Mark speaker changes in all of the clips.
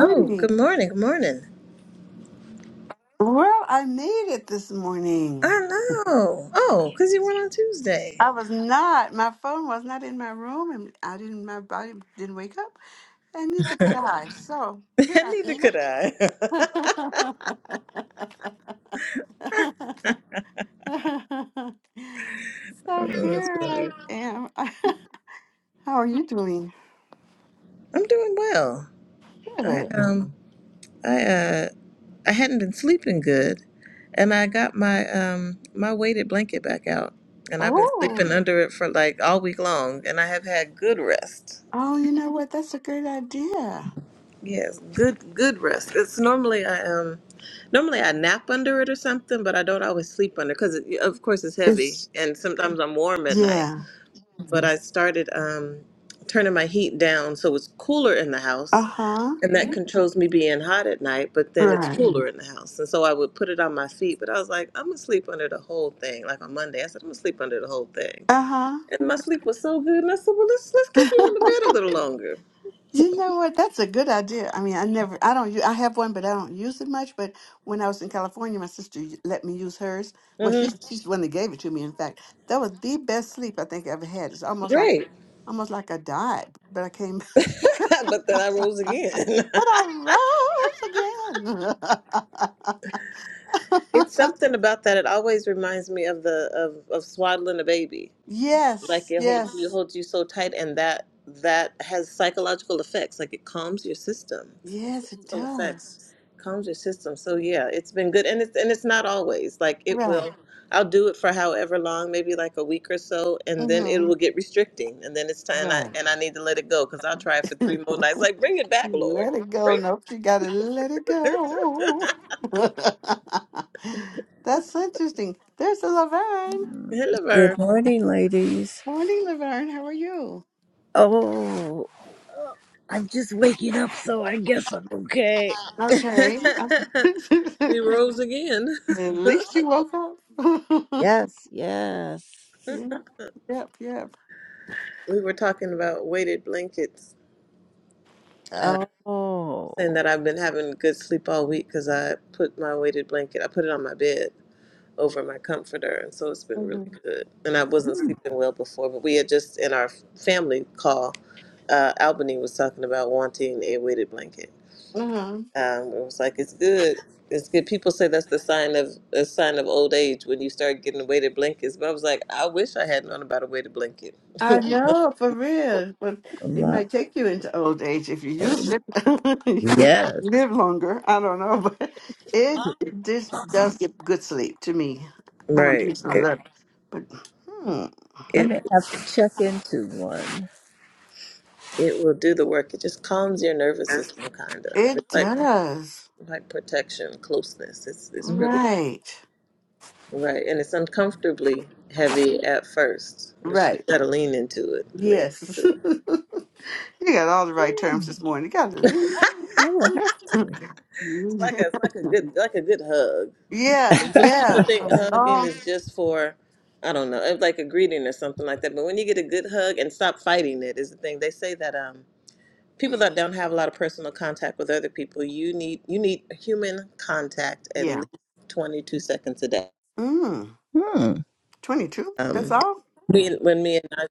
Speaker 1: Oh, good morning. Good morning.
Speaker 2: Well, I made it this morning.
Speaker 1: I know. Oh, because you went on Tuesday.
Speaker 2: I was not. My phone was not in my room, and I didn't. My body didn't wake up, and neither could I. So here
Speaker 1: And
Speaker 2: I
Speaker 1: Neither could I.
Speaker 2: am.
Speaker 1: oh,
Speaker 2: so
Speaker 1: that's
Speaker 2: here I
Speaker 1: funny.
Speaker 2: am. How are you doing?
Speaker 1: I'm doing well. I
Speaker 2: Good.
Speaker 1: um I uh I hadn't been sleeping good and I got my um my weighted blanket back out and I've been
Speaker 2: Oh,
Speaker 1: sleeping under it for like all week long and I have had good rest.
Speaker 2: oh, you know what? That's a great idea.
Speaker 1: Yes, good good rest. It's normally I um normally I nap under it or something, but I don't always sleep under because it, of course it's heavy
Speaker 2: It's
Speaker 1: and sometimes I'm warm at night.
Speaker 2: yeah.
Speaker 1: But I started um turning my heat down so it's cooler in the
Speaker 2: Uh
Speaker 1: house
Speaker 2: huh.
Speaker 1: and that controls me being hot at night, but then it's
Speaker 2: Right.
Speaker 1: cooler in the house. And so I would put it on my feet, but I was like, I'm gonna sleep under the whole thing. Like on Monday, I said, I'm gonna sleep under the whole thing.
Speaker 2: Uh huh.
Speaker 1: And my sleep was so good and I said, Well let's let's keep you in the bed a little longer.
Speaker 2: You know what? That's a good idea. I mean, I never, I don't, u- I have one, but I don't use it much. But when I was in California, my sister y- let me use hers. Well, she,
Speaker 1: hmm
Speaker 2: she's the one that gave it to me. In fact, that was the best sleep I think I ever had. It's almost like,
Speaker 1: Great.
Speaker 2: almost like I died, but I came,
Speaker 1: but then I rose again.
Speaker 2: but I rose again.
Speaker 1: it's something about that. It always reminds me of the of, of swaddling a baby. Like
Speaker 2: yes,
Speaker 1: it holds you
Speaker 2: yes,
Speaker 1: holds you so tight, and that that has psychological effects. Like it calms your system.
Speaker 2: yes, it
Speaker 1: Physical effects
Speaker 2: does.
Speaker 1: calms your system. So yeah, it's been good, and it's and it's not always like it
Speaker 2: Right.
Speaker 1: will. I'll do it for however long, maybe like a week or so, and then it
Speaker 2: hmm
Speaker 1: will get restricting, and then it's time. And I
Speaker 2: Right.
Speaker 1: and I need to let it go because I'll try it for three more nights. Like bring it back, Lord.
Speaker 2: Let it go.
Speaker 1: Bring
Speaker 2: Nope, you gotta let it go. That's interesting. There's a Laverne.
Speaker 1: hello, Vern.
Speaker 3: Good morning, ladies.
Speaker 2: Morning, Laverne. How are you?
Speaker 3: Oh, I'm just waking up, so I guess I'm okay.
Speaker 2: Okay.
Speaker 1: we rose again.
Speaker 2: At least you woke up.
Speaker 3: Yes, yes.
Speaker 2: yep, yep, yep.
Speaker 1: We were talking about weighted blankets, uh,
Speaker 3: Oh,
Speaker 1: saying that I've been having good sleep all week because I put my weighted blanket, I put it on my bed over my comforter, and so it's been really good. And I wasn't
Speaker 3: hmm,
Speaker 1: sleeping well before, but we had just in our family call, uh, Albany was talking about wanting a weighted blanket.
Speaker 2: Mhm.
Speaker 1: Um, it was like it's good. It's good. People say that's the sign of a sign of old age when you start getting weighted blankets. But I was like, I wish I had known about a weighted blanket.
Speaker 2: I know for real, but
Speaker 3: A
Speaker 2: it
Speaker 3: lot.
Speaker 2: might take you into old age if you use it.
Speaker 3: yes.
Speaker 2: Live longer. I don't know, but it this does give good sleep to me. I don't
Speaker 1: right.
Speaker 2: use it a
Speaker 1: It
Speaker 2: lot, but hmm,
Speaker 3: I
Speaker 1: it
Speaker 3: may have to check into one.
Speaker 1: it will do the work. It just calms your nervous
Speaker 3: Hmm,
Speaker 1: system, kind of.
Speaker 2: it
Speaker 1: It's like
Speaker 2: does.
Speaker 1: like protection, closeness. It's it's really
Speaker 2: Right,
Speaker 1: right, and it's uncomfortably heavy at first, but you
Speaker 2: right.
Speaker 1: gotta lean into it. Lean
Speaker 2: Yes,
Speaker 1: into it.
Speaker 2: you got all the right terms this morning. You got
Speaker 3: I will have
Speaker 2: to
Speaker 3: to.
Speaker 1: It's
Speaker 2: leave.
Speaker 1: like a it's like a good like a good hug.
Speaker 2: yeah,
Speaker 1: People,
Speaker 2: yeah.
Speaker 1: people
Speaker 2: A
Speaker 1: think hugging
Speaker 2: long
Speaker 1: is just for, I don't know, like a greeting or something like that. But when you get a good hug and stop fighting it is the thing. They say that um, people that don't have a lot of personal contact with other people, you need you need human contact at
Speaker 2: yeah.
Speaker 1: least 22 seconds a day.
Speaker 2: Mm,
Speaker 3: Hmm.
Speaker 2: Twenty-two. That's
Speaker 1: Um,
Speaker 2: all.
Speaker 1: we, when me and I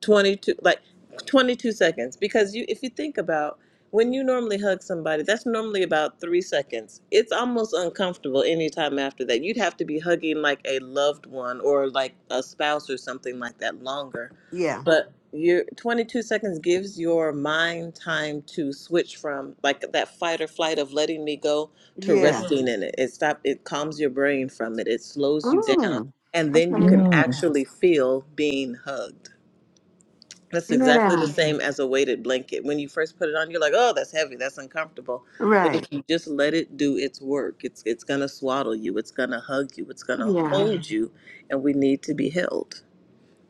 Speaker 1: 22 like 22 seconds because you if you think about when you normally hug somebody that's normally about three seconds it's almost uncomfortable anytime after that you'd have to be hugging like a loved one or like a spouse or something like that longer
Speaker 2: Yeah,
Speaker 1: but your 22 seconds gives your mind time to switch from like that fight or flight of letting me go to
Speaker 2: yeah.
Speaker 1: resting in it it stop it calms your brain from it it slows you down
Speaker 2: Mm,
Speaker 1: and then you
Speaker 2: okay.
Speaker 1: can
Speaker 3: Hmm.
Speaker 1: actually feel being hugged that's exactly the
Speaker 2: Yeah.
Speaker 1: same as a weighted blanket. When you first put it on, you're like, "Oh, that's heavy. That's uncomfortable." But if
Speaker 2: Right.
Speaker 1: you just let it do its work, it's it's going to swaddle you. It's going to hug you. It's going to
Speaker 2: Yeah.
Speaker 1: hold you, and we need to be held.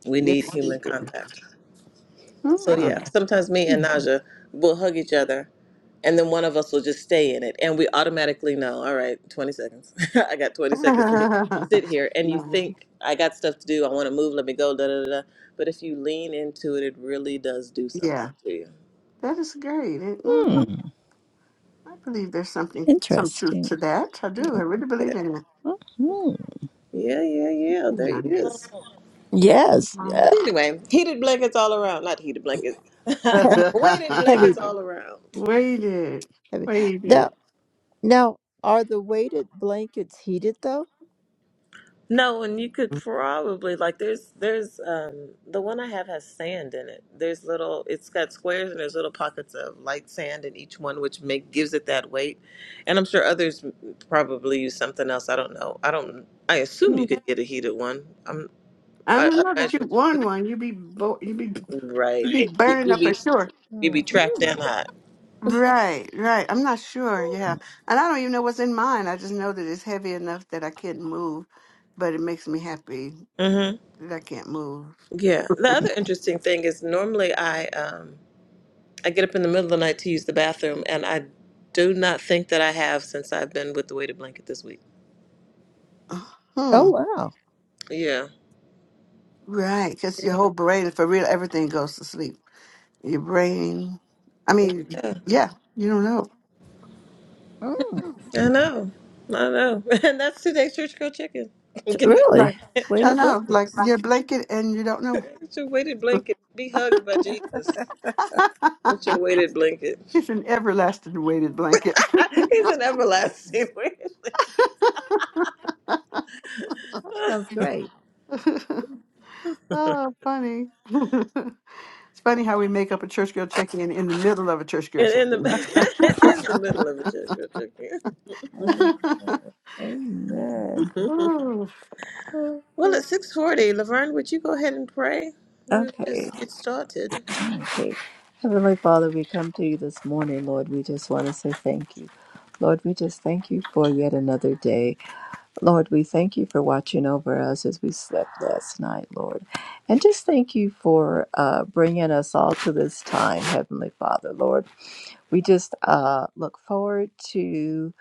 Speaker 1: We need
Speaker 2: Yes. you
Speaker 1: human
Speaker 2: do.
Speaker 1: contact. So
Speaker 2: Mm.
Speaker 1: yeah, sometimes me and Naja will hug each other and then one of us will just stay in it and we automatically know all right 20 seconds i got 20 seconds to sit here and you
Speaker 2: nice.
Speaker 1: think i got stuff to do i want to move let me go da, da da da but if you lean into it it really does do something
Speaker 2: Yeah.
Speaker 1: to you
Speaker 2: That is great. It- mhm.
Speaker 3: Hmm.
Speaker 2: I believe there's something, some truth
Speaker 3: Interesting.
Speaker 2: to that. I do. I really
Speaker 1: yeah
Speaker 2: believe in it.
Speaker 3: Hmm.
Speaker 1: yeah yeah, yeah. there it
Speaker 2: Yeah.
Speaker 3: Oh,
Speaker 1: is
Speaker 3: Yes, yeah.
Speaker 1: anyway heated blankets all around not heated blankets weighted
Speaker 2: Uh,
Speaker 3: heavy,
Speaker 1: blankets all around
Speaker 2: Waited.
Speaker 3: heavy.
Speaker 2: Waited.
Speaker 3: Now, are the weighted blankets heated though?
Speaker 1: No, and you could probably like there's there's um the one I have has sand in it. There's little it's got squares and there's little pockets of light sand in each one which make gives it that weight. And I'm sure others probably use something else. I don't know. I don't I assume
Speaker 2: Yeah.
Speaker 1: you could get a heated one. I'm
Speaker 2: I
Speaker 1: I
Speaker 2: don't
Speaker 1: I
Speaker 2: know that you
Speaker 1: imagine
Speaker 2: won one. You be bo- you be you
Speaker 1: right.
Speaker 2: be
Speaker 1: You-
Speaker 2: burning
Speaker 1: You'd
Speaker 2: up for
Speaker 1: be
Speaker 2: sure.
Speaker 1: you'd
Speaker 3: Mm.
Speaker 1: be trapped down
Speaker 3: Mm.
Speaker 1: hot.
Speaker 2: Right, right. I'm not sure. Yeah. And I don't even know what's in mine. I just know that it's heavy enough that I can't move, but it makes me happy
Speaker 1: Mhm.
Speaker 2: that I can't move.
Speaker 1: Yeah. The other interesting thing is normally I um I get up in the middle of the night to use the bathroom, and I do not think that I have since I've been with the weighted blanket this week.
Speaker 2: Hmm.
Speaker 3: Oh wow!
Speaker 1: Yeah.
Speaker 2: Right. Because your whole brain, for real, everything goes to sleep. Your brain, I mean,
Speaker 1: Yeah.
Speaker 2: yeah, you don't know.
Speaker 3: Mm.
Speaker 1: I know. I know. And that's today's Church Girl Chicken.
Speaker 3: T-
Speaker 1: Get it
Speaker 2: Like,
Speaker 3: Really,
Speaker 2: I don't
Speaker 3: weighted
Speaker 2: know, like
Speaker 3: blankets.
Speaker 2: your blanket and you don't know.
Speaker 1: with your weighted blanket. Be hugged by Jesus with your weighted blanket.
Speaker 2: it's an everlasting weighted blanket.
Speaker 1: He's an everlasting weighted blanket.
Speaker 3: Sounds great.
Speaker 2: oh, funny. It's funny how we make up a church girl check in in the middle of a church girl
Speaker 1: And
Speaker 2: check
Speaker 1: in
Speaker 2: in.
Speaker 1: the in the middle of a church girl chicken.
Speaker 3: Amen. Amen.
Speaker 2: Ooh,
Speaker 1: well, at six forty, Laverne, would you go ahead and pray? We'll
Speaker 3: Okay.
Speaker 1: just get started.
Speaker 3: Okay. Heavenly Father, we come to you this morning, Lord. We just want to say thank you. Lord, we just thank you for yet another day. Lord, we thank you for watching over us as we slept last night, Lord. And just thank you for uh, bringing us all to this time, Heavenly Father, Lord. We just uh, look forward to.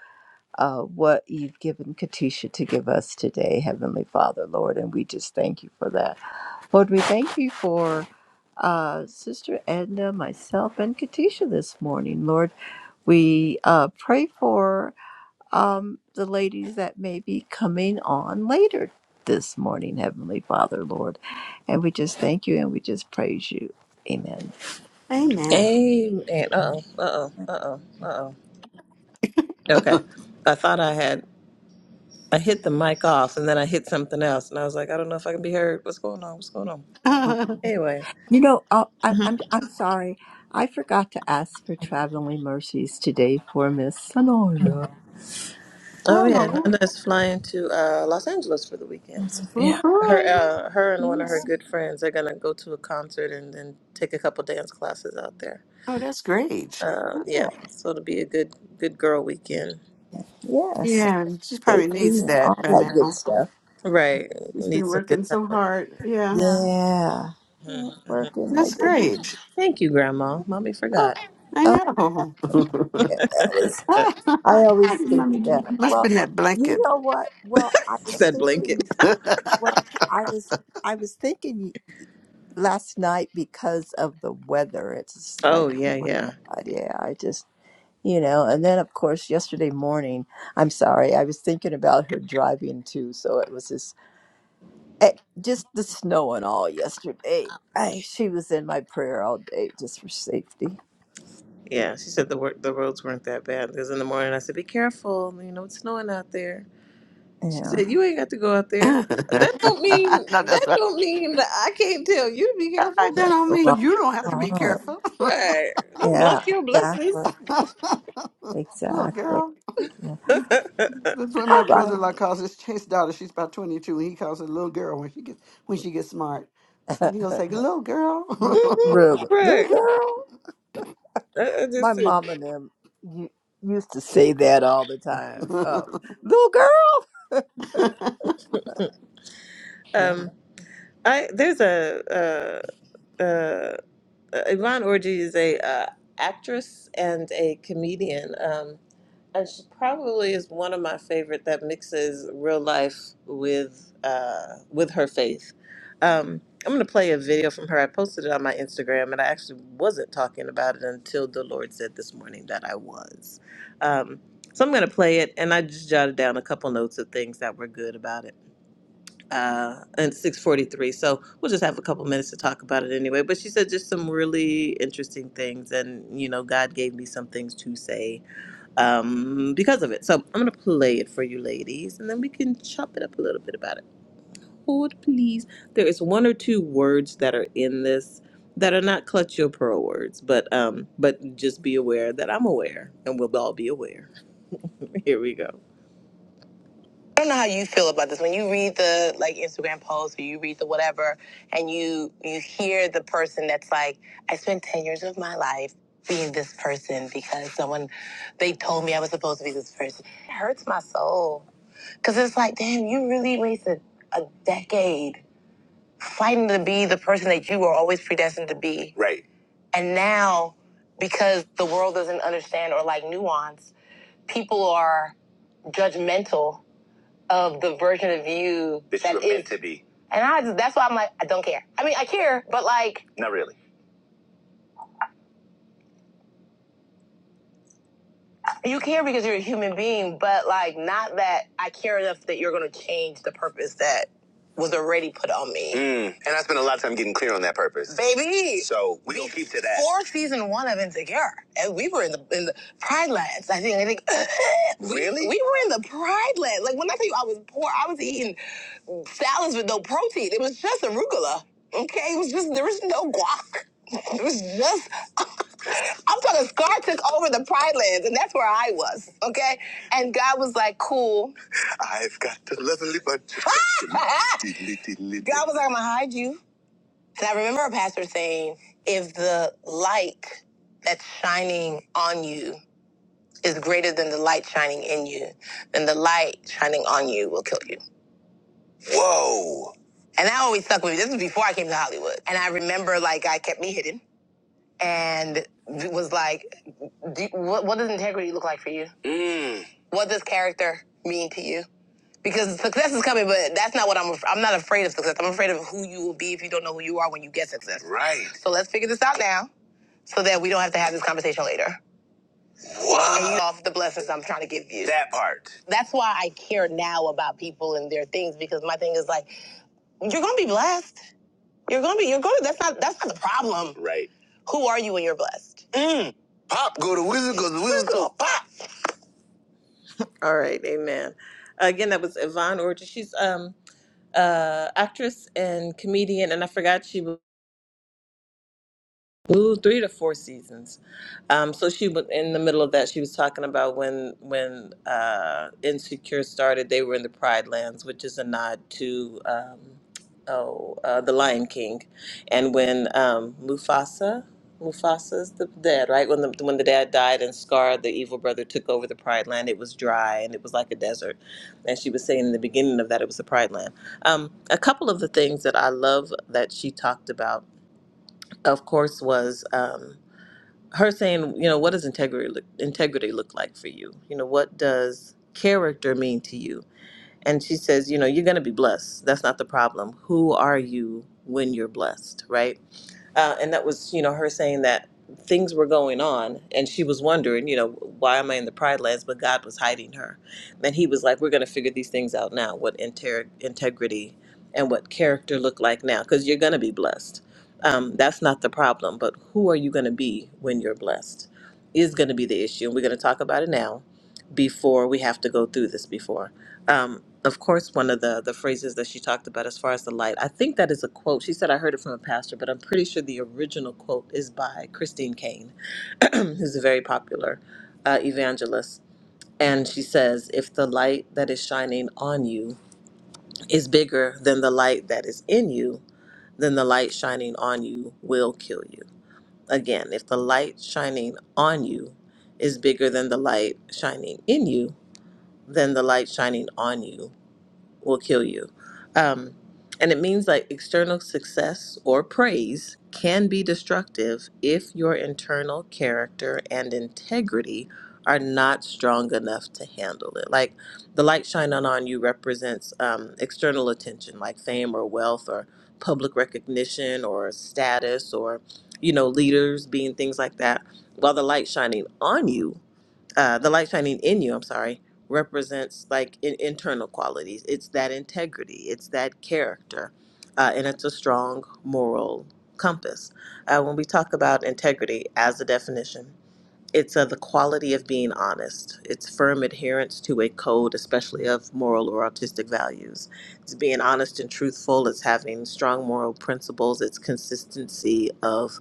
Speaker 3: uh, what you've given Katisha to give us today, Heavenly Father, Lord, and we just thank you for that. Lord, we thank you for uh, Sister Edna, myself, and Katisha this morning. Lord, we uh, pray for um, the ladies that may be coming on later this morning, Heavenly Father, Lord, and we just thank you and we just praise you. Amen.
Speaker 2: Amen.
Speaker 1: Amen. Uh-oh, uh-oh, uh-oh, uh-oh. Okay. I thought I had, I hit the mic off and then I hit something else. And I was like, I don't know if I can be heard. What's going on? What's going on?
Speaker 2: oh,
Speaker 1: Anyway.
Speaker 3: You know, oh, I, I'm I'm sorry, I forgot to ask for traveling mercies today for Miss Sonora.
Speaker 1: Oh, yeah. Nanda's flying to uh, Los Angeles for the weekend.
Speaker 3: Yeah.
Speaker 1: Her,
Speaker 2: woohoo.
Speaker 1: uh, her and one of her
Speaker 2: Yes.
Speaker 1: good friends are going to go to a concert and then take a couple dance classes out there.
Speaker 2: Oh, that's great.
Speaker 1: Uh, yeah.
Speaker 3: Yeah,
Speaker 1: So it'll be a good, good girl weekend.
Speaker 3: yes,
Speaker 2: Yeah, she probably
Speaker 3: safety
Speaker 2: needs
Speaker 3: and all
Speaker 2: that by
Speaker 3: that good
Speaker 2: now.
Speaker 3: stuff.
Speaker 1: Right.
Speaker 2: She's
Speaker 1: Need
Speaker 2: been
Speaker 1: some good
Speaker 2: working
Speaker 1: time
Speaker 2: so
Speaker 1: away.
Speaker 2: hard. Yeah,
Speaker 3: Yeah, Oh, it's
Speaker 1: hmm hmm
Speaker 3: working, my
Speaker 2: that's
Speaker 3: baby.
Speaker 2: great.
Speaker 1: Thank you, Grandma. Mommy
Speaker 3: Oh,
Speaker 1: forgot.
Speaker 2: I
Speaker 3: oh,
Speaker 2: know.
Speaker 3: yeah, that was.
Speaker 2: Ah,
Speaker 3: I always think
Speaker 2: Mommy, did you-
Speaker 3: about.
Speaker 2: must
Speaker 3: Well,
Speaker 2: been that
Speaker 3: you
Speaker 2: blanket.
Speaker 3: know what? Well, I was
Speaker 1: said blanket.
Speaker 3: thinking. Well, I was I was thinking last night because of the weather. It's like,
Speaker 1: Oh
Speaker 3: oh
Speaker 1: yeah,
Speaker 3: my
Speaker 1: yeah,
Speaker 3: God, yeah. I just you know and then of course yesterday morning i'm sorry i was thinking about her driving too so it was just eh, just the snow and all yesterday I, she was in my prayer all day just for safety
Speaker 1: yeah. She said the work, the roads weren't that bad. Because in the morning I said, "Be careful, you know it's snowing out there." She
Speaker 3: yeah
Speaker 1: said, "You ain't got to go out there."
Speaker 2: no,
Speaker 1: That don't mean
Speaker 2: that's
Speaker 1: that
Speaker 2: right.
Speaker 1: don't mean that I can't tell you to be
Speaker 2: I, that
Speaker 1: careful,
Speaker 3: yeah
Speaker 2: don't mean
Speaker 3: right,
Speaker 2: you don't have to be
Speaker 3: right.
Speaker 2: careful.
Speaker 1: right? Don't
Speaker 3: yeah
Speaker 1: block your
Speaker 3: exactly
Speaker 1: blessings,
Speaker 2: Look,
Speaker 3: exactly
Speaker 2: girl.
Speaker 3: yeah.
Speaker 1: Mhm,
Speaker 2: That's what my
Speaker 3: all right
Speaker 2: brother-in-law calls his his daughter. She's about twenty-two, and he calls her little girl when she gets when she gets smart. So he'll say, "Little
Speaker 3: But
Speaker 2: girl."
Speaker 3: really little
Speaker 1: right?
Speaker 3: girl
Speaker 1: I, I
Speaker 3: my
Speaker 1: just said,
Speaker 3: mom and them you used to say that all the time oh little girl yeah
Speaker 1: um, I there's a uh, uh, uh, Yvonne Orji is a uh, actress and a comedian. Um, And she probably is one of my favorite that mixes real life with uh, with her faith. Um, I'm gonna play a video from her. I posted it on my Instagram, and I actually wasn't talking about it until the Lord said this morning that I was. Um, so I'm gonna play it, and I just jotted down a couple notes of things that were good about it. Uh, and 6:43, so we'll just have a couple minutes to talk about it anyway. But she said just some really interesting things, and you know, God gave me some things to say um, because of it. So I'm gonna play it for you, ladies, and then we can chop it up a little bit about it. Hold, please. There is one or two words that are in this that are not clutch your pearl words, but um, but just be aware that I'm aware, and we'll all be aware. Here we go. I don't know how you feel about this. When you read the like Instagram posts, or you read the whatever, and you you hear the person that's like, I spent ten years of my life being this person because someone they told me I was supposed to be this person. It hurts my soul because it's like, damn, you really wasted a decade fighting to be the person that you were always predestined to be. Right. And now, because the world doesn't understand or like nuance, people are judgmental of the version of you That that you were meant to be. And I that's why I'm like, I don't care. I mean, I care, but like, Not really. you care because you're a human being, but like, not that I care enough that you're gonna change the purpose that was already put on me. Mm. And I spent a lot of time getting clear on that purpose. Baby. So we don't keep to that. For season one of Insecure, and we were in the in the Pride Lands. I think I think we- really we were in the Pride Lands. Like when I tell you I was poor, I was eating salads with no protein. It was just arugula. Okay, it was just there was no guac. It was just I'm talking Scar took over the Pride Lands, and that's where I was. Okay, and God was like, "Cool, I've got to level it, but God was like, I'm gonna hide you. And I remember a pastor saying, if the light that's shining on you is greater than the light shining in you, then the light shining on you will kill you. Whoa. And that always stuck with me. This was before I came to Hollywood. And I remember like God kept me hidden and was like, do, what, what does integrity look like for you? Mm. What does character mean to you? because success is coming, but that's not what I'm. I'm not afraid of success. I'm afraid of who you will be if you don't know who you are when you get success. Right. So let's figure this out now, so that we don't have to have this conversation later. Wow. And you What? off the blessings I'm trying to give you. That part. That's why I care now about people and their things because my thing is like you're gonna be blessed. You're gonna be. You're gonna. That's not. That's not the problem. Right. Who are you when you're blessed? Mm. Pop, go to Wizard, go to Wizard, go to pop. All right, amen. Again, that was Yvonne Orchard. She's um uh, actress and comedian, and I forgot she Ooh, three to four seasons. Um, so she was in the middle of that. She was talking about when when uh, Insecure started. They were in the Pride Lands, which is a nod to um, oh uh, the Lion King, and when um, Mufasa. Mufasa's the dad, right? When the when the dad died and Scar, the evil brother, took over the Pride Land, it was dry and it was like a desert. And she was saying in the beginning of that, it was the Pride Land. Um, a couple of the things that I love that she talked about of course, was um, her saying, you know, what does integrity look, integrity look like for you? You know, what does character mean to you? And she says, you know, you're going to be blessed. That's not the problem. Who are you when you're blessed, right? Uh, and that was, you know, her saying that things were going on and she was wondering, you know, why am I in the pride lands? But God was hiding her. And he was like, we're going to figure these things out now, what inter- integrity and what character look like now, because you're going to be blessed. Um, that's not the problem, but who are you going to be when you're blessed is going to be the issue. And we're going to talk about it now before we have to go through this before um, of course, one of the the phrases that she talked about as far as the light. I think that is a quote. She said I heard it from a pastor, but I'm pretty sure the original quote is by Christine Kane, who's a very popular uh, evangelist. And she says, "If the light that is shining on you is bigger than the light that is in you, then the light shining on you will kill you." Again, if the light shining on you is bigger than the light shining in you, then the light shining on you will kill you. Um, and it means like external success or praise can be destructive if your internal character and integrity are not strong enough to handle it. Like the light shining on you represents um, external attention, like fame or wealth or public recognition or status or, you know, leaders being things like that. While the light shining on you uh, the light shining in you, I'm sorry, represents like in- internal qualities. It's that integrity, it's that character, uh, and it's a strong moral compass. Uh, when we talk about integrity as a definition, it's uh, the quality of being honest. It's firm adherence to a code, especially of moral or artistic values. It's being honest and truthful. It's having strong moral principles. It's consistency of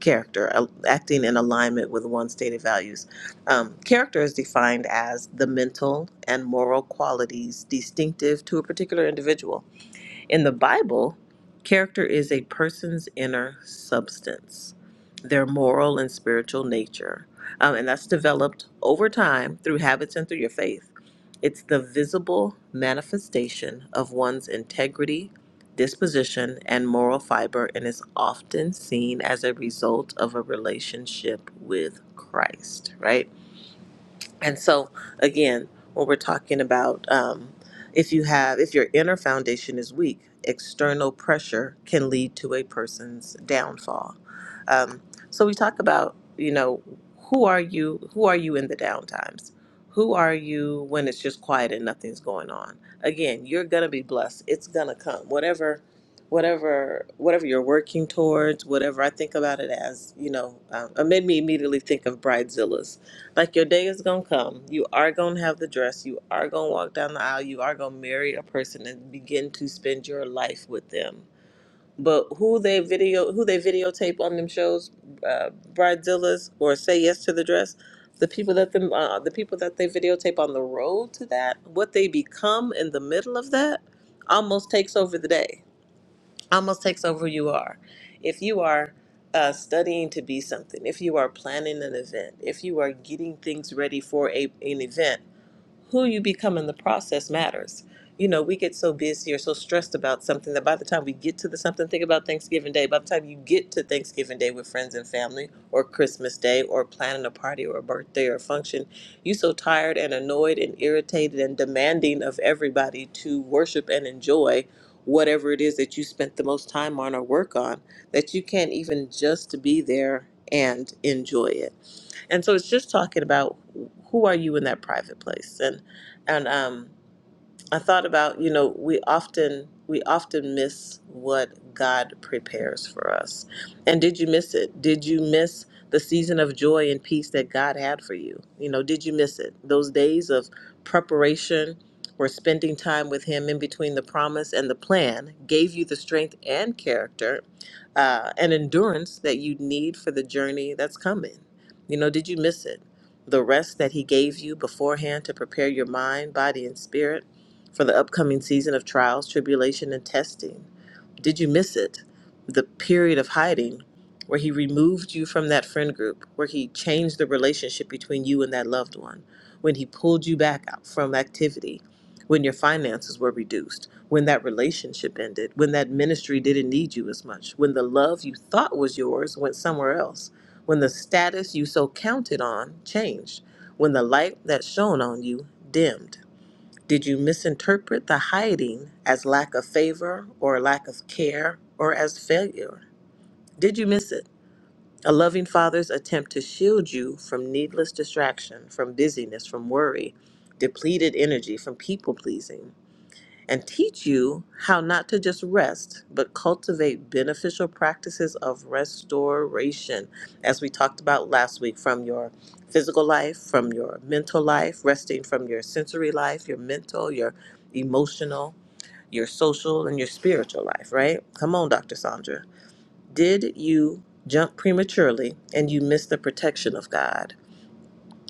Speaker 1: character, uh, acting in alignment with one's stated values. Um, character is defined as the mental and moral qualities distinctive to a particular individual in the Bible, character is a person's inner substance, their moral and spiritual nature. Um, and that's developed over time through habits and through your faith. It's the visible manifestation of one's integrity, disposition, and moral fiber, and is often seen as a result of a relationship with Christ, right? And so, again, when we're talking about um, if you have, if your inner foundation is weak, external pressure can lead to a person's downfall. Um, so we talk about, you know, who are you? Who are you in the down times? Who are you when it's just quiet and nothing's going on? Again, you're gonna be blessed. It's gonna come. Whatever, whatever, whatever you're working towards. Whatever I think about it as, you know, um, it made me immediately think of Bridezilla's like your day is gonna come. You are gonna have the dress. You are gonna walk down the aisle. You are gonna marry a person and begin to spend your life with them. But who they video, who they videotape on them shows, uh, bridezillas or say yes to the dress, the people that them, uh, the people that they videotape on the road to that, what they become in the middle of that, almost takes over the day almost takes over who you are. If you are uh, studying to be something, if you are planning an event, if you are getting things ready for a, an event, who you become in the process matters. You know, we get so busy or so stressed about something that by the time we get to the something, think about Thanksgiving Day. By the time you get to Thanksgiving Day with friends and family, or Christmas Day, or planning a party or a birthday or a function, you so tired and annoyed and irritated and demanding of everybody to worship and enjoy whatever it is that you spent the most time on or work on that you can't even just be there and enjoy it. And so it's just talking about who are you in that private place and and um I thought about, you know, we often we often miss what God prepares for us. And did you miss it? Did you miss the season of joy and peace that God had for you? You know, did you miss it? Those days of preparation or spending time with him in between the promise and the plan gave you the strength and character uh, and endurance that you need for the journey that's coming. You know, did you miss it? The rest that he gave you beforehand to prepare your mind, body, and spirit for the upcoming season of trials, tribulation, and testing. Did you miss it? The period of hiding, where He removed you from that friend group, where He changed the relationship between you and that loved one, when He pulled you back out from activity, when your finances were reduced, when that relationship ended, when that ministry didn't need you as much, when the love you thought was yours went somewhere else, when the status you so counted on changed, when the light that shone on you dimmed. Did you misinterpret the hiding as lack of favor or lack of care or as failure? Did you miss it? A loving father's attempt to shield you from needless distraction, from busyness, from worry, depleted energy, from people pleasing and teach you how not to just rest, but cultivate beneficial practices of restoration, as we talked about last week, from your physical life, from your mental life, resting from your sensory life, your mental, your emotional, your social, and your spiritual life, right? Come on, Dr. Sandra. Did you jump prematurely and you missed the protection of God?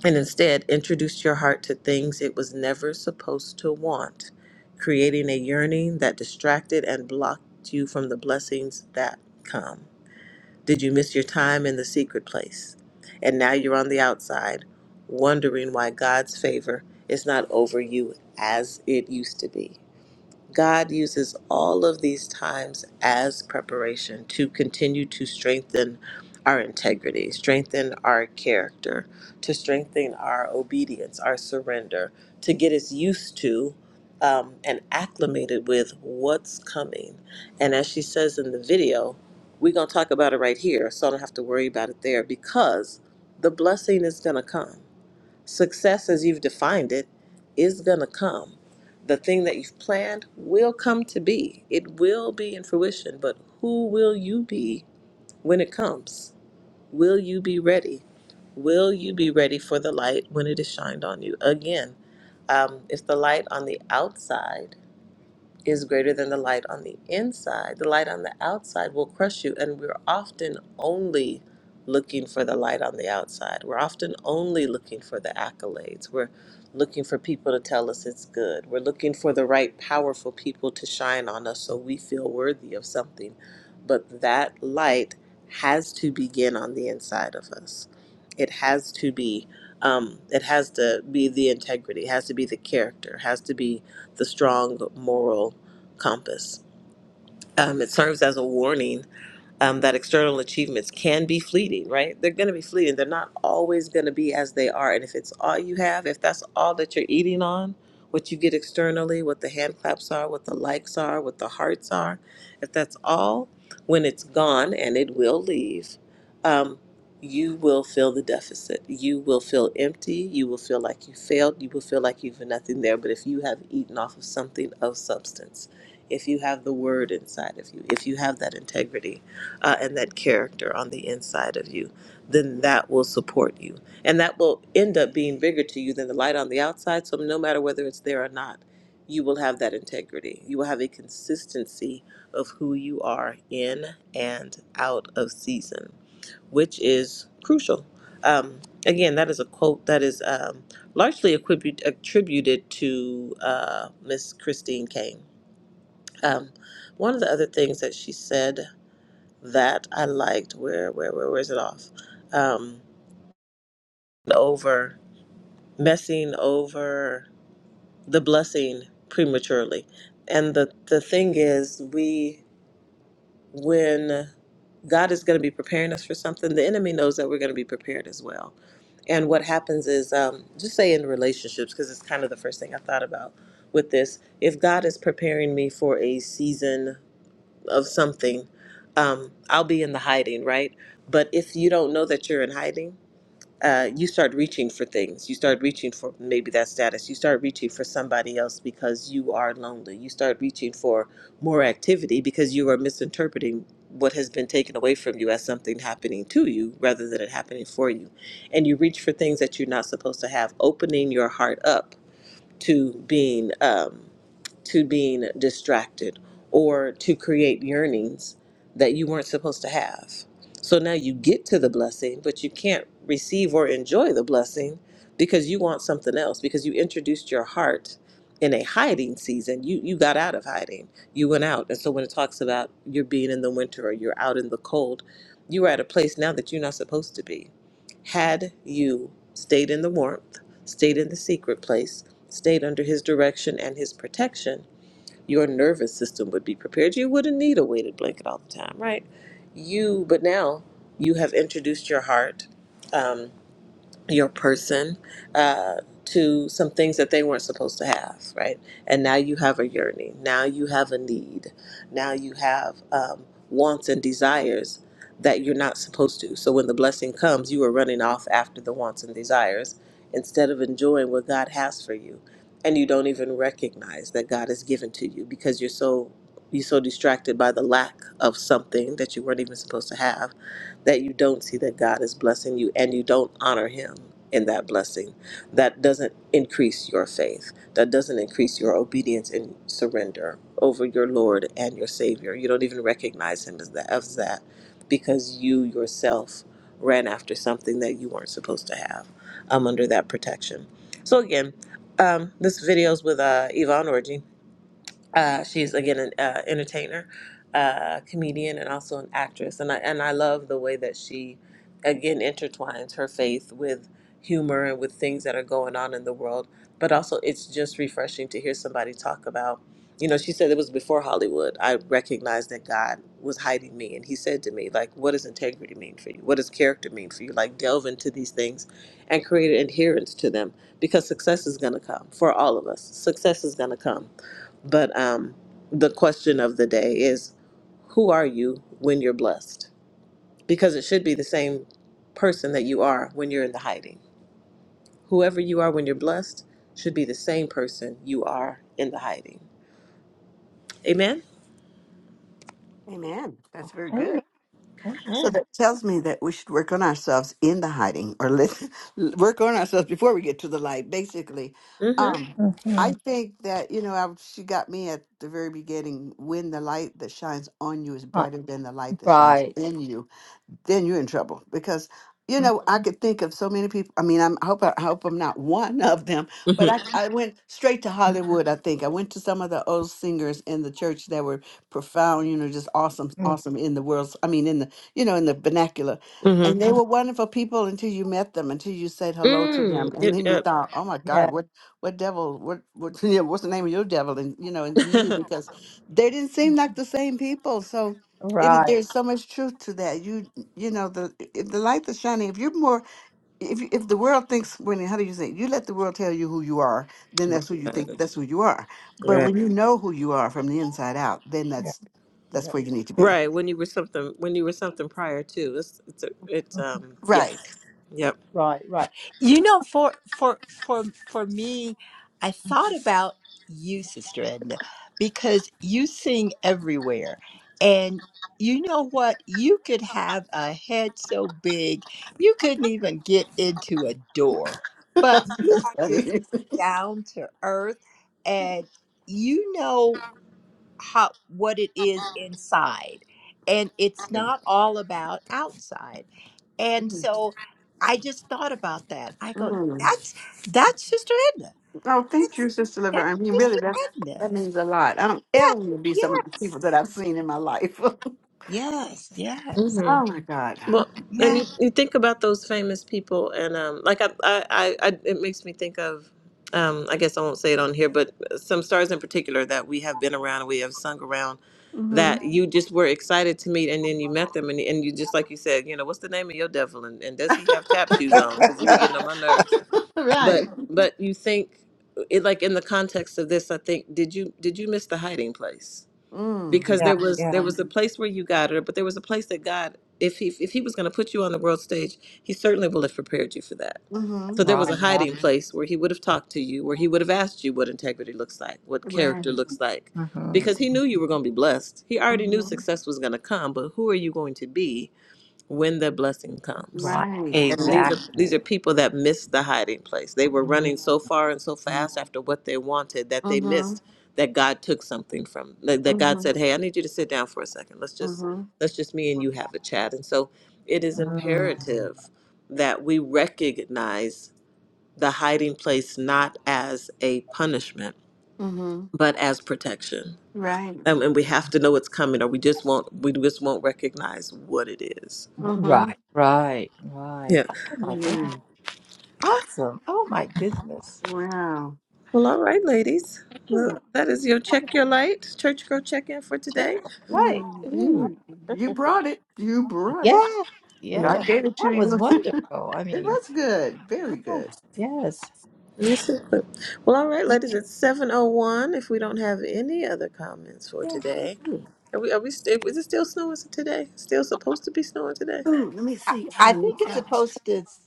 Speaker 1: and instead introduced your heart to things it was never supposed to want, creating a yearning that distracted and blocked you from the blessings that come. Did you miss your time in the secret place? And now you're on the outside, wondering why God's favor is not over you as it used to be. God uses all of these times as preparation to continue to strengthen our integrity, strengthen our character, to strengthen our obedience, our surrender, to get us used to um, and acclimated with what's coming. And as she says in the video, we're going to talk about it right here, so I don't have to worry about it there because the blessing is going to come Success, as you've defined it, is going to come. The thing that you've planned will come to be. It will be in fruition, but who will you be when it comes? Will you be ready? Will you be ready for the light when it is shined on you? Again, um, it's the light on the outside is greater than the light on the inside, the light on the outside will crush you. And we're often only looking for the light on the outside. We're often only looking for the accolades. We're looking for people to tell us it's good. We're looking for the right, powerful people to shine on us so we feel worthy of something. But that light has to begin on the inside of us. It has to be. Um, it has to be the integrity, it has to be the character, it has to be the strong moral compass. Um, it serves as a warning um, that external achievements can be fleeting, right? They're going to be fleeting. They're not always going to be as they are. And if it's all you have, if that's all that you're eating on, what you get externally, what the hand claps are, what the likes are, what the hearts are, if that's all, when it's gone and it will leave, um, you will feel the deficit. You will feel empty. You will feel like you failed. You will feel like you've nothing there. But if you have eaten off of something of substance, if you have the word inside of you, if you have that integrity, uh, and that character on the inside of you, then that will support you. And that will end up being bigger to you than the light on the outside. So, no matter whether it's there or not, you will have that integrity. You will have a consistency of who you are in and out of season, which is crucial. Um, again, that is a quote that is um, largely attribute, attributed to uh, Miss Christine Kane. Um, one of the other things that she said that I liked. Where where where, where is it off? Um, over messing over the blessing prematurely, and the the thing is, we when God is going to be preparing us for something, the enemy knows that we're going to be prepared as well. And what happens is, um, just say in relationships, because it's kind of the first thing I thought about with this. If God is preparing me for a season of something, um, I'll be in the hiding, right? But if you don't know that you're in hiding, uh, you start reaching for things. You start reaching for maybe that status. You start reaching for somebody else because you are lonely. You start reaching for more activity because you are misinterpreting what has been taken away from you as something happening to you rather than it happening for you. And you reach for things that you're not supposed to have, opening your heart up to being. Um, to being distracted or to create yearnings that you weren't supposed to have. So now you get to the blessing, but you can't receive or enjoy the blessing because you want something else, because you introduced your heart in a hiding season. You you got out of hiding. You went out. And so when it talks about you're being in the winter or you're out in the cold, you are at a place now that you're not supposed to be. Had you stayed in the warmth, stayed in the secret place, stayed under his direction and his protection, your nervous system would be prepared. You wouldn't need a weighted blanket all the time, right? You, but now you have introduced your heart. Um, your person uh, to some things that they weren't supposed to have, right? And now you have a yearning. Now you have a need. Now you have um, wants and desires that you're not supposed to. So when the blessing comes, you are running off after the wants and desires instead of enjoying what God has for you. And you don't even recognize that God has given to you because you're so you're so distracted by the lack of something that you weren't even supposed to have that you don't see that God is blessing you and you don't honor Him in that blessing, that doesn't increase your faith. That doesn't increase your obedience and surrender over your Lord and your Savior. You don't even recognize Him as that, as that because you yourself ran after something that you weren't supposed to have um, under that protection. So, again, um, this video is with uh, Yvonne Orji uh, she's again an uh, entertainer, uh, comedian, and also an actress. And I and I love the way that she again intertwines her faith with humor and with things that are going on in the world. But also, it's just refreshing to hear somebody talk about. You know, she said it was before Hollywood. I recognized that God was hiding me, and He said to me, like, "What does integrity mean for you? What does character mean for you? Like, delve into these things, and create an adherence to them, because success is going to come for all of us. Success is going to come." But um, the question of the day is who are you when you're blessed? Because it should be the same person that you are when you're in the hiding. Whoever you are when you're blessed should be the same person you are in the hiding. Amen?
Speaker 2: Amen. That's very good.
Speaker 3: Amen.
Speaker 2: So
Speaker 3: Amen.
Speaker 2: that tells me that we should work on ourselves in the hiding, or let work on ourselves before we get to the light. Basically, Sure.
Speaker 1: Mm-hmm.
Speaker 2: um, I think that you know I, she got me at the very beginning. When the light that shines on you is
Speaker 3: Mhm.
Speaker 2: brighter than the light that shines
Speaker 3: Right.
Speaker 2: in you, then you're in trouble because you
Speaker 3: Mm,
Speaker 2: know I could think of so many people. I mean, I'm, I hope I, I hope I'm not one of them, but I
Speaker 1: Mm-hmm.
Speaker 2: I went straight to Hollywood. I think I went to some of the old singers in the church that were profound, you know, just awesome,
Speaker 3: mm,
Speaker 2: awesome in the world. I mean, in the you know in the vernacular. And
Speaker 1: Mm-hmm.
Speaker 2: they were wonderful people until you met them, until you said hello to
Speaker 1: Mm.
Speaker 2: them, and
Speaker 1: Yep,
Speaker 2: then you
Speaker 1: yep.
Speaker 2: thought, "Oh my God,
Speaker 3: Yeah.
Speaker 2: what, what devil, what, what, you know, what's the name of your devil?" And you know, and you knew because they didn't seem like the same people. So, it is,
Speaker 3: Right.
Speaker 2: there's so much truth to that. You you know the if the light is shining if you're more if you, if the world thinks when how do you say you let the world tell you who you are then that's who you think
Speaker 1: right.
Speaker 2: that's who you are but
Speaker 3: Right.
Speaker 1: Right.
Speaker 2: when you know who you are from the inside out then that's
Speaker 3: Yeah.
Speaker 2: that's where you need to be
Speaker 1: Right. When you were something when you were something prior to. It's it's a, it's
Speaker 3: mm,
Speaker 1: um
Speaker 2: right
Speaker 1: yes. Yep.
Speaker 3: Right. Right. You know, for for for for me, I thought about you, Sister Edna, because you sing everywhere, and you know what? You could have a head so big you couldn't even get into a door, but you
Speaker 2: That's
Speaker 3: are just
Speaker 2: funny.
Speaker 3: down to earth, and you know. how what it is inside and it's
Speaker 2: Mm,
Speaker 3: not all about outside and so i just thought about that i go
Speaker 2: mm.
Speaker 3: that's that's sister edna
Speaker 2: oh thank you sister liver
Speaker 3: that's
Speaker 2: i mean really
Speaker 3: sister
Speaker 2: that that
Speaker 3: edna
Speaker 2: means a lot i don't ever want to be
Speaker 3: yeah
Speaker 2: some of the
Speaker 3: yes
Speaker 2: people that i've seen in my life
Speaker 3: yes yes
Speaker 1: Mhm.
Speaker 2: oh my god
Speaker 1: Well, and
Speaker 3: yeah
Speaker 1: you, you think about those famous people, and um, like I, I, I, I, it makes me think of, um, I guess I won't say it on here, but some stars in particular that we have been around and we have sung around
Speaker 2: hmm
Speaker 1: that you just were excited to meet, and then you met them, and, and you just like you said, you know, what's the name of your devil, and, and does he have tap shoes on? Because you were getting on my nerves. But
Speaker 2: right
Speaker 1: but you think it like in the context of this, I think did you did you miss the hiding place?
Speaker 2: Mm.
Speaker 1: because
Speaker 3: Yeah,
Speaker 1: there was there
Speaker 3: yeah,
Speaker 1: was a place where you got it, but there was a place that God, if he if he was going to put you on the world stage, he certainly will have prepared you for that.
Speaker 2: mm-hmm
Speaker 1: So there was a
Speaker 3: right, right,
Speaker 1: hiding place where he would have talked to you, where he would have asked you what integrity looks like, what
Speaker 2: right
Speaker 1: character looks like,
Speaker 3: hmm
Speaker 1: because he knew you were going to be blessed. He already knew
Speaker 2: mm-hmm
Speaker 1: success was going to come, but who are you going to be when the blessing comes?
Speaker 3: right,
Speaker 2: Right,
Speaker 1: and these
Speaker 2: right.
Speaker 1: are these are
Speaker 3: exactly,
Speaker 1: people that missed the hiding place they were
Speaker 3: Mhm,
Speaker 1: running so far and so fast after what they wanted that they
Speaker 2: Mm-hmm.
Speaker 1: missed that god took something from that that god
Speaker 2: Mm-hmm.
Speaker 1: said hey i need you to sit down for a second let's just
Speaker 2: Mm-hmm.
Speaker 1: let's just me and you have a chat and so it is
Speaker 3: mhm.
Speaker 1: imperative that we recognize the hiding place not as a punishment
Speaker 2: Mm-hmm.
Speaker 1: but as protection
Speaker 2: Right.
Speaker 1: and, and we have to know it's coming or we just won't we just won't recognize what it is
Speaker 2: Mm-hmm.
Speaker 3: right, right, right.
Speaker 1: Yeah.
Speaker 3: Oh my goodness,
Speaker 2: Amen.
Speaker 3: awesome! Oh my goodness,
Speaker 2: Wow.
Speaker 1: Well, all right, ladies. Well,
Speaker 3: ooh,
Speaker 1: that is your check your light church girl check in for
Speaker 3: check
Speaker 1: today.
Speaker 3: the
Speaker 2: Well,
Speaker 3: light,
Speaker 2: you you brought it. You brought it.
Speaker 3: Yeah, yeah.
Speaker 1: Well,
Speaker 2: God gave it
Speaker 3: That
Speaker 2: to
Speaker 3: was
Speaker 2: you. it
Speaker 3: wonderful. I mean,
Speaker 2: was good. Very good.
Speaker 3: yes, yes.
Speaker 1: this is Well, all right, ladies. It's seven oh one. If we don't have any other comments for
Speaker 3: Yeah, good.
Speaker 1: today,
Speaker 3: food.
Speaker 1: are we? Are we? St- is it still snowing today? Still supposed to be snowing today?
Speaker 2: Ooh, let me see. I
Speaker 3: I think
Speaker 2: looked
Speaker 3: it's
Speaker 2: out.
Speaker 3: supposed to s-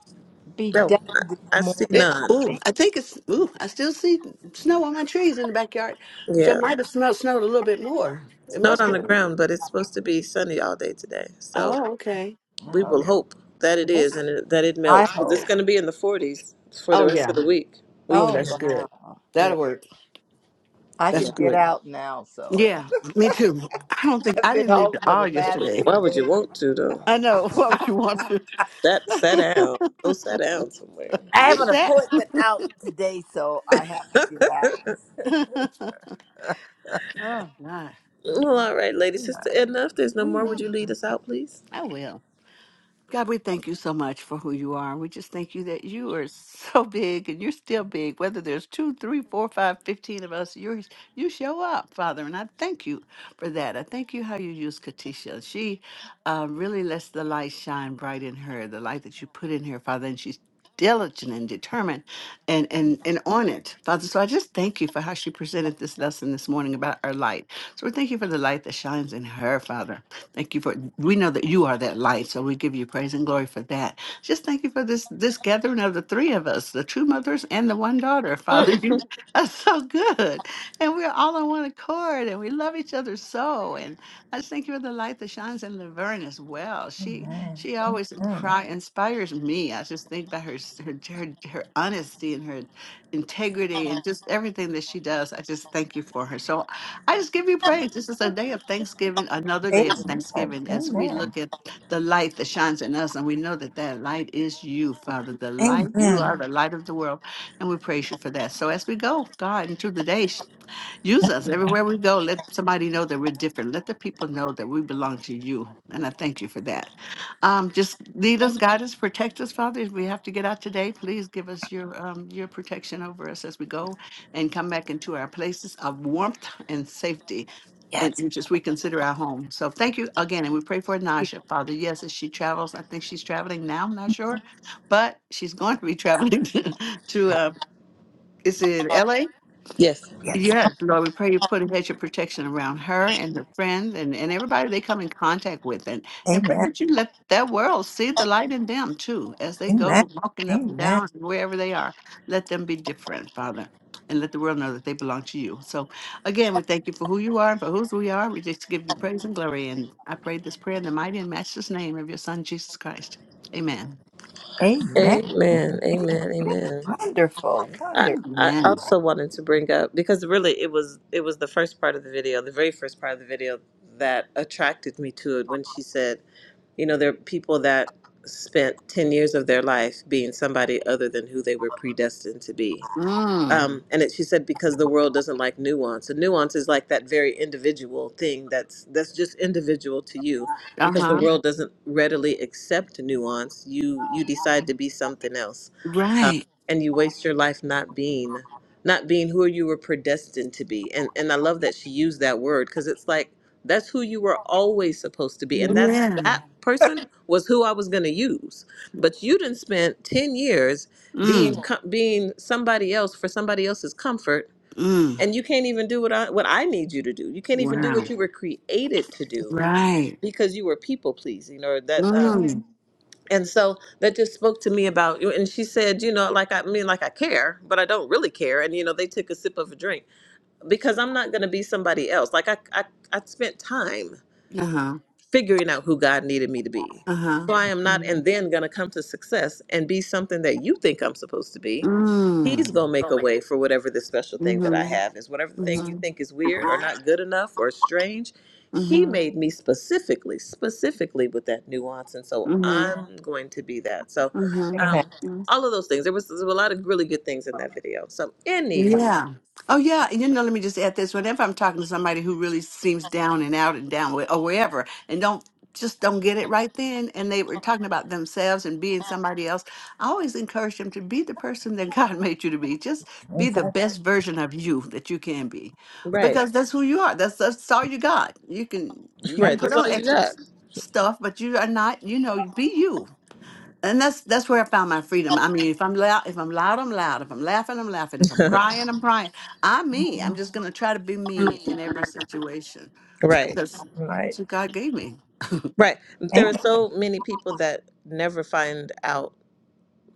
Speaker 3: be
Speaker 1: No,
Speaker 3: done this
Speaker 1: I I see
Speaker 3: morning.
Speaker 2: It
Speaker 3: I
Speaker 1: none.
Speaker 2: ooh,
Speaker 3: think.
Speaker 2: I think it's ooh, I still see snow on my trees in the backyard. So it
Speaker 1: Yeah,
Speaker 2: might have smelled snowed a little bit more. It
Speaker 1: snowed
Speaker 2: must
Speaker 1: on the
Speaker 2: have.
Speaker 1: ground, but it's supposed to be sunny all day today. So
Speaker 2: Oh, okay.
Speaker 3: I
Speaker 1: we
Speaker 3: hope.
Speaker 1: will hope that it is
Speaker 2: That's-
Speaker 1: and it, that it melts
Speaker 3: I
Speaker 1: because it's
Speaker 3: hope.
Speaker 1: going to be in the forties for the
Speaker 2: Oh
Speaker 1: rest
Speaker 2: yeah.
Speaker 1: of the week
Speaker 2: Oh,
Speaker 3: Oh,
Speaker 2: that's
Speaker 1: weekend.
Speaker 2: good.
Speaker 3: wow. Yeah.
Speaker 2: That'll work.
Speaker 3: I
Speaker 2: That's
Speaker 1: Yeah.
Speaker 3: can get
Speaker 2: good.
Speaker 3: out now, so
Speaker 2: Yeah, me too. I don't think
Speaker 3: I've
Speaker 2: I
Speaker 3: been
Speaker 2: didn't leave
Speaker 3: home
Speaker 2: the
Speaker 3: for the
Speaker 2: R
Speaker 3: last
Speaker 2: yesterday.
Speaker 1: Why
Speaker 3: two
Speaker 1: would you
Speaker 3: days.
Speaker 1: want to though?
Speaker 2: I know. Why would you want to?
Speaker 1: That sat down. Go sat down somewhere.
Speaker 3: I
Speaker 1: Get
Speaker 3: have an
Speaker 1: it.
Speaker 2: Set.
Speaker 3: appointment out today, so I have to get out.
Speaker 2: oh, God.
Speaker 1: well, all right, ladies.
Speaker 2: Mm,
Speaker 1: It's enough. There's no
Speaker 2: mm,
Speaker 1: more. Would
Speaker 2: mm.
Speaker 1: you lead us
Speaker 3: Mhm.
Speaker 1: out, please?
Speaker 2: I will. God, we thank you so much for who you are. We just thank you that you are so big and you're still big. Whether there's two, three, four, five, fifteen of us, you you show up, Father, and I thank you for that. I thank you how you use Katisha. She uh, really lets the light shine bright in her, the light that you put in her, Father, and she's diligent and determined and and and on it father so i just thank you for how she presented this lesson this morning about our light so we thank you for the light that shines in her father Thank you for we know that you are that light, so we give you praise and glory for that. Just thank you for this this gathering of the three of us, the two mothers and the one daughter. Father,
Speaker 1: Mm.
Speaker 2: you are so good, and we're all on one accord, and we love each other so. And I just thank you for the light that shines in Laverne as well. She
Speaker 3: Amen.
Speaker 2: she always
Speaker 3: Amen.
Speaker 2: impri- inspires me. I just think about her s- her her, her honesty and her integrity and just everything that she does. I just thank you for her. So I just give you praise. This is a day of thanksgiving, another day of
Speaker 3: Amen.
Speaker 2: thanksgiving as we
Speaker 3: Amen.
Speaker 2: look at the light that shines in us. And we know that that light is you, Father. The light, you are
Speaker 3: Amen.
Speaker 2: the light of the world. And we praise you for that. So as we go, God, into the day, Use us everywhere we go. Let somebody know that we're different. Let the people know that we belong to you. And I thank you for that. Um, just lead us, guide us, protect us, Father. If we have to get out today, please give us your um, your protection over us as we go and come back into our places of warmth and safety and,
Speaker 3: Yes.
Speaker 2: and just we consider our home. So thank you again. And we pray for Nasha, Father. Yes, as she travels, I think she's traveling now, I'm not sure, but she's going to be traveling to, uh, is it LA?
Speaker 1: Yes.
Speaker 3: Yes.
Speaker 2: Yes, Lord, we pray you put a hedge of protection around her and her friends and, and everybody they come in contact with. And, and pray
Speaker 3: Amen.
Speaker 2: that you let that world see the light in them too as they
Speaker 3: Amen.
Speaker 2: go walking up and
Speaker 3: Amen.
Speaker 2: down and wherever they are. Let them be different, Father, and let the world know that they belong to you. So, again, we thank you for who you are and for whose we are. We just give you praise and glory. And I pray this prayer in the mighty and matchless name of your Son, Jesus Christ. Amen.
Speaker 3: Amen.
Speaker 1: Amen.
Speaker 3: Amen.
Speaker 1: Amen. Amen.
Speaker 3: Wonderful.
Speaker 1: I,
Speaker 3: Wonderful.
Speaker 1: I
Speaker 2: Amen.
Speaker 1: also wanted to bring up because really it was it was the first part of the video, the very first part of the video that attracted me to it when she said, you know, there are people that spent 10 years of their life being somebody other than who they were predestined to be
Speaker 2: Mm,
Speaker 1: um, and it, she said because the world doesn't like nuance and nuance is like that very individual thing that's that's just individual to you
Speaker 2: uh
Speaker 1: because the
Speaker 2: huh.
Speaker 1: world doesn't readily accept nuance you you decide to be something else um,
Speaker 2: Right.
Speaker 1: and you waste your life not being not being who you were predestined to be and and i love that she used that word because it's like that's who you were always supposed to be and that's
Speaker 2: Yeah.
Speaker 1: that person was who i was going to use but you didn't spend 10 years being
Speaker 2: Mm,
Speaker 1: co- being somebody else for somebody else's comfort
Speaker 2: mm.
Speaker 1: and you can't even do what i what i need you to do you can't even do what
Speaker 2: Wow.
Speaker 1: you were created to do
Speaker 2: Right.
Speaker 1: because you were people pleasing or that um,
Speaker 2: Mm.
Speaker 1: and so that just spoke to me about and she said you know like i I mean like i care but i don't really care and you know they took a sip of a drink because i'm not going to be somebody else like I, I i spent time
Speaker 2: Uh huh.
Speaker 1: figuring out who god needed me to be
Speaker 2: Uh huh.
Speaker 1: so i am not
Speaker 2: Mm.
Speaker 1: and then going to come to success and be something that you think i'm supposed to be
Speaker 2: Mm.
Speaker 1: He's going to make a way for whatever this special thing that I
Speaker 2: Mm-hmm.
Speaker 1: have is. Whatever the thing you
Speaker 2: Mm-hmm.
Speaker 1: think is weird or not good enough or strange, He
Speaker 2: Mm-hmm.
Speaker 1: made me specifically, specifically with that nuance. And so
Speaker 2: Mm-hmm.
Speaker 1: I'm going to be that. So,
Speaker 3: Amen.
Speaker 1: um,
Speaker 2: Mm-hmm.
Speaker 1: all of those things. There was, there were a lot of really good things in that video. So, anywho,
Speaker 2: Yeah. Oh, yeah. and You know, let me just add this. Whenever I'm talking to somebody who really seems down and out and down with, or wherever, and don't just don't get it right then, and they were talking about themselves and being somebody else, I always encourage them to be the person that God made you to be. Just be
Speaker 3: Is
Speaker 2: the
Speaker 3: that,
Speaker 2: best version of you that you can be,
Speaker 1: right,
Speaker 2: because that's who you are. That's that's all you got. You can you
Speaker 3: that's
Speaker 2: can
Speaker 1: right.
Speaker 2: put
Speaker 1: That's
Speaker 2: on
Speaker 1: all you
Speaker 2: extra
Speaker 1: got.
Speaker 2: s- stuff, but you are not. You know, be you and that's that's where I found my freedom. I mean, if I'm loud, if I'm loud, I'm loud. If I'm laughing, I'm laughing. If I'm crying, I'm crying. I'm me. I'm just gonna try to be me in every situation.
Speaker 1: right,
Speaker 2: That's that's
Speaker 3: right?
Speaker 2: what God gave me.
Speaker 1: right. There are
Speaker 3: Amen.
Speaker 1: so many people that never find out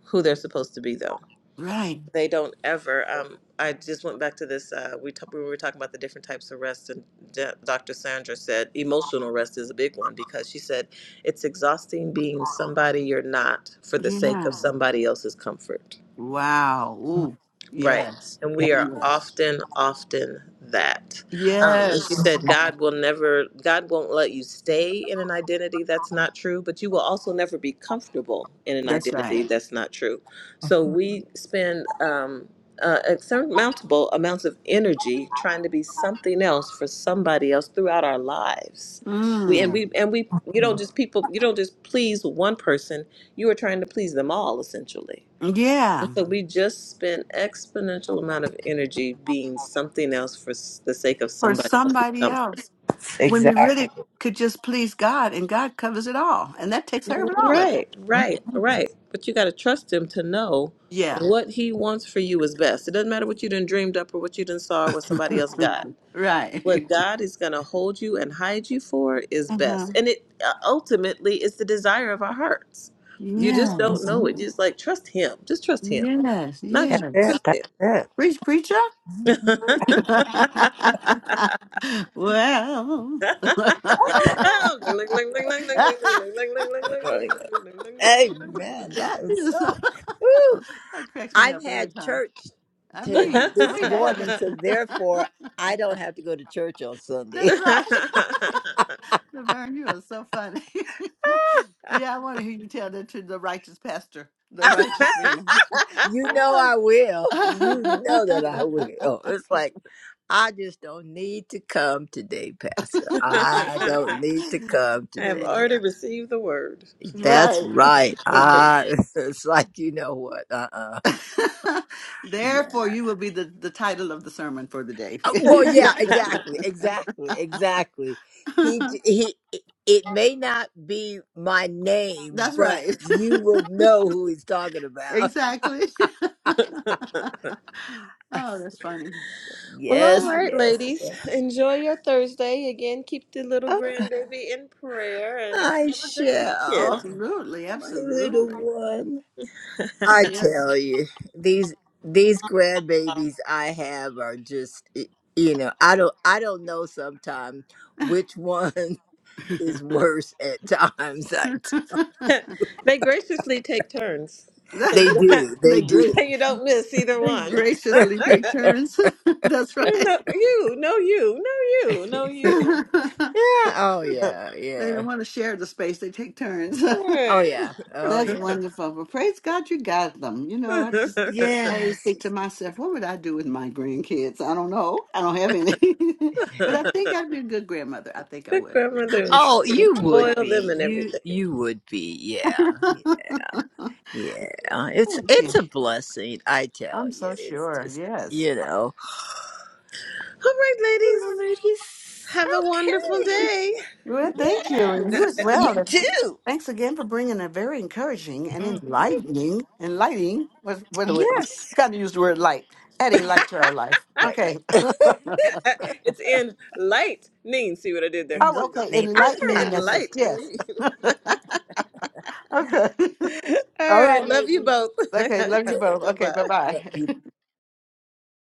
Speaker 1: who they're supposed to be, though
Speaker 2: Right.
Speaker 1: They don't ever. Um, I just went back to this. Uh, we t- we were talking about the different types of rest, and D- Dr. Sandra said emotional rest is a big one because she said it's exhausting being somebody you're not for the sake of
Speaker 2: Yeah.
Speaker 1: somebody else's comfort.
Speaker 2: Wow. Ooh.
Speaker 1: Right.
Speaker 2: Yes.
Speaker 1: And
Speaker 3: Yeah.
Speaker 1: we are
Speaker 2: Yes.
Speaker 1: often, often that. Um, and she
Speaker 2: Yes.
Speaker 3: Mm-hmm.
Speaker 1: said, God will never, God won't let you stay in an identity that's not true, but you will also never be comfortable in an
Speaker 2: That's right.
Speaker 1: identity that's not true. So
Speaker 3: Mm-hmm.
Speaker 1: we spend um, uh, insurmountable amounts of energy trying to be something else for somebody else throughout our lives. We, and
Speaker 2: Mm.
Speaker 1: we and we you don't just people you don't just please one person you are trying to please them all essentially And
Speaker 2: Yeah.
Speaker 1: so we just spend exponential amount of energy being something else for s- the sake of
Speaker 2: For
Speaker 1: somebody else's
Speaker 2: somebody
Speaker 1: comfort.
Speaker 2: else. When we
Speaker 3: Exactly.
Speaker 2: really could just please God and God covers it all. And that takes care of it all. Of it.
Speaker 1: Right, right, right. But you got to trust him to know
Speaker 2: Yeah.
Speaker 1: what he wants for you is best. It doesn't matter what you done dreamed up or what you done saw or what somebody else got.
Speaker 2: Right.
Speaker 1: What God is going to hold you and hide you for is
Speaker 2: huh.
Speaker 1: best. And it uh, ultimately is the desire of our hearts. You just don't
Speaker 2: Yes,
Speaker 1: know
Speaker 3: Mhm.
Speaker 1: it. Just like trust him. Just trust him.
Speaker 2: yes,
Speaker 1: Not you.
Speaker 3: That's it.
Speaker 2: yes.
Speaker 1: Trust
Speaker 3: That's
Speaker 1: him.
Speaker 3: it.
Speaker 2: Preach, preacher. well,
Speaker 1: Oh, ding, ding, ding, ding, ding, ding, ding, ding, ding, ding, ding,
Speaker 3: Really good.
Speaker 1: ding, ding, ding, ding, ding, ding, ding,
Speaker 3: Amen. That is
Speaker 2: Just-
Speaker 3: so. Woo.
Speaker 2: that cracks me
Speaker 3: I've
Speaker 2: up every
Speaker 3: had
Speaker 2: time.
Speaker 3: church
Speaker 2: I
Speaker 3: to
Speaker 2: mean,
Speaker 3: this
Speaker 2: we had
Speaker 3: morning,
Speaker 2: this.
Speaker 3: so therefore I don't have to go to church on Sunday.
Speaker 2: That's
Speaker 1: ding,
Speaker 2: right. Laverne, you are so funny. yeah, I want to hear you tell that to the righteous pastor, the righteous man.
Speaker 3: you know I
Speaker 2: Oh.
Speaker 3: will. You know that I will. It's like I just don't need to come today, Pastor. I don't need to come
Speaker 1: I have
Speaker 3: today.
Speaker 1: already received the word.
Speaker 3: That's
Speaker 2: right.
Speaker 3: right.
Speaker 2: And
Speaker 3: I. It's like you know what? Uh. uh
Speaker 2: Therefore, you will be the, the title of the sermon for the day.
Speaker 3: Uh, well, yeah, exactly, exactly, exactly. He he. It may not be my name,
Speaker 2: That's
Speaker 3: but
Speaker 2: right.
Speaker 3: you will know who he's talking about.
Speaker 2: exactly. oh, that's funny.
Speaker 1: well,
Speaker 3: Yes,
Speaker 1: all right,
Speaker 3: yes,
Speaker 1: ladies.
Speaker 3: yes.
Speaker 1: Enjoy your Thursday. Again, keep the little
Speaker 3: Oh,
Speaker 1: grandbaby in prayer and
Speaker 3: I
Speaker 1: have a good
Speaker 3: shall,
Speaker 1: weekend.
Speaker 2: Absolutely.
Speaker 3: my little
Speaker 2: Absolutely.
Speaker 3: one. I
Speaker 2: Yes.
Speaker 3: tell you, these these grandbabies I have are just, y- you know, I don't I don't know sometimes which one is worse at times.
Speaker 1: they graciously take turns,
Speaker 2: they,
Speaker 1: so
Speaker 3: They
Speaker 1: you
Speaker 3: do. They do.
Speaker 2: gra-
Speaker 1: do you don't miss either
Speaker 2: they
Speaker 1: one.
Speaker 2: graciously take turns. that's
Speaker 1: You
Speaker 2: right.
Speaker 1: know, you, no, you, no, you, no,
Speaker 3: yeah.
Speaker 1: you.
Speaker 2: they
Speaker 3: Oh yeah. Yeah.
Speaker 2: don't want to share the space, they take turns.
Speaker 3: Oh
Speaker 1: Right.
Speaker 3: yeah. Oh
Speaker 2: That's
Speaker 3: yeah.
Speaker 2: wonderful. Well, praise God you got them. You know, I just always
Speaker 3: Yes.
Speaker 2: think to myself, what would I do with my grandkids? I don't know. I don't have any. but I think I'd be a good grandmother. I think I
Speaker 1: Good
Speaker 2: would.
Speaker 1: grandmother and
Speaker 3: Oh, you would
Speaker 1: spoil them
Speaker 3: be.
Speaker 1: and
Speaker 3: You
Speaker 1: everything.
Speaker 3: you would be. Yeah. Yeah. It's
Speaker 2: Thank
Speaker 3: it's
Speaker 2: you.
Speaker 3: a blessing. I
Speaker 2: I'm
Speaker 3: tell you.
Speaker 2: so
Speaker 3: It's
Speaker 2: sure.
Speaker 3: just
Speaker 2: Yes.
Speaker 3: you know.
Speaker 1: All right,
Speaker 3: Oh,
Speaker 1: ladies.
Speaker 3: ladies.
Speaker 1: Have a wonderful
Speaker 3: Okay.
Speaker 1: day.
Speaker 2: Well, thank you. And
Speaker 3: Yes.
Speaker 2: you as well.
Speaker 3: You
Speaker 2: And
Speaker 3: too.
Speaker 2: thanks again for bringing a very encouraging and
Speaker 3: Mhm.
Speaker 2: enlightening, enlightening, what, what do we,
Speaker 3: Yes.
Speaker 2: kind of use the word light, adding light to our life.
Speaker 3: Right.
Speaker 2: Okay.
Speaker 1: it's in lightning. See what I did there?
Speaker 2: Oh,
Speaker 1: See what I
Speaker 2: okay.
Speaker 1: did
Speaker 3: enlightening.
Speaker 1: there?
Speaker 2: Enlightening
Speaker 3: Ah.
Speaker 1: in
Speaker 2: message. Yes.
Speaker 1: lightning.
Speaker 2: Okay.
Speaker 3: All
Speaker 1: All right.
Speaker 3: right,
Speaker 1: Love you
Speaker 3: ladies.
Speaker 1: both.
Speaker 2: Okay, love you both.
Speaker 1: bye
Speaker 2: Okay, bye
Speaker 1: bye.
Speaker 2: bye.
Speaker 3: Okay.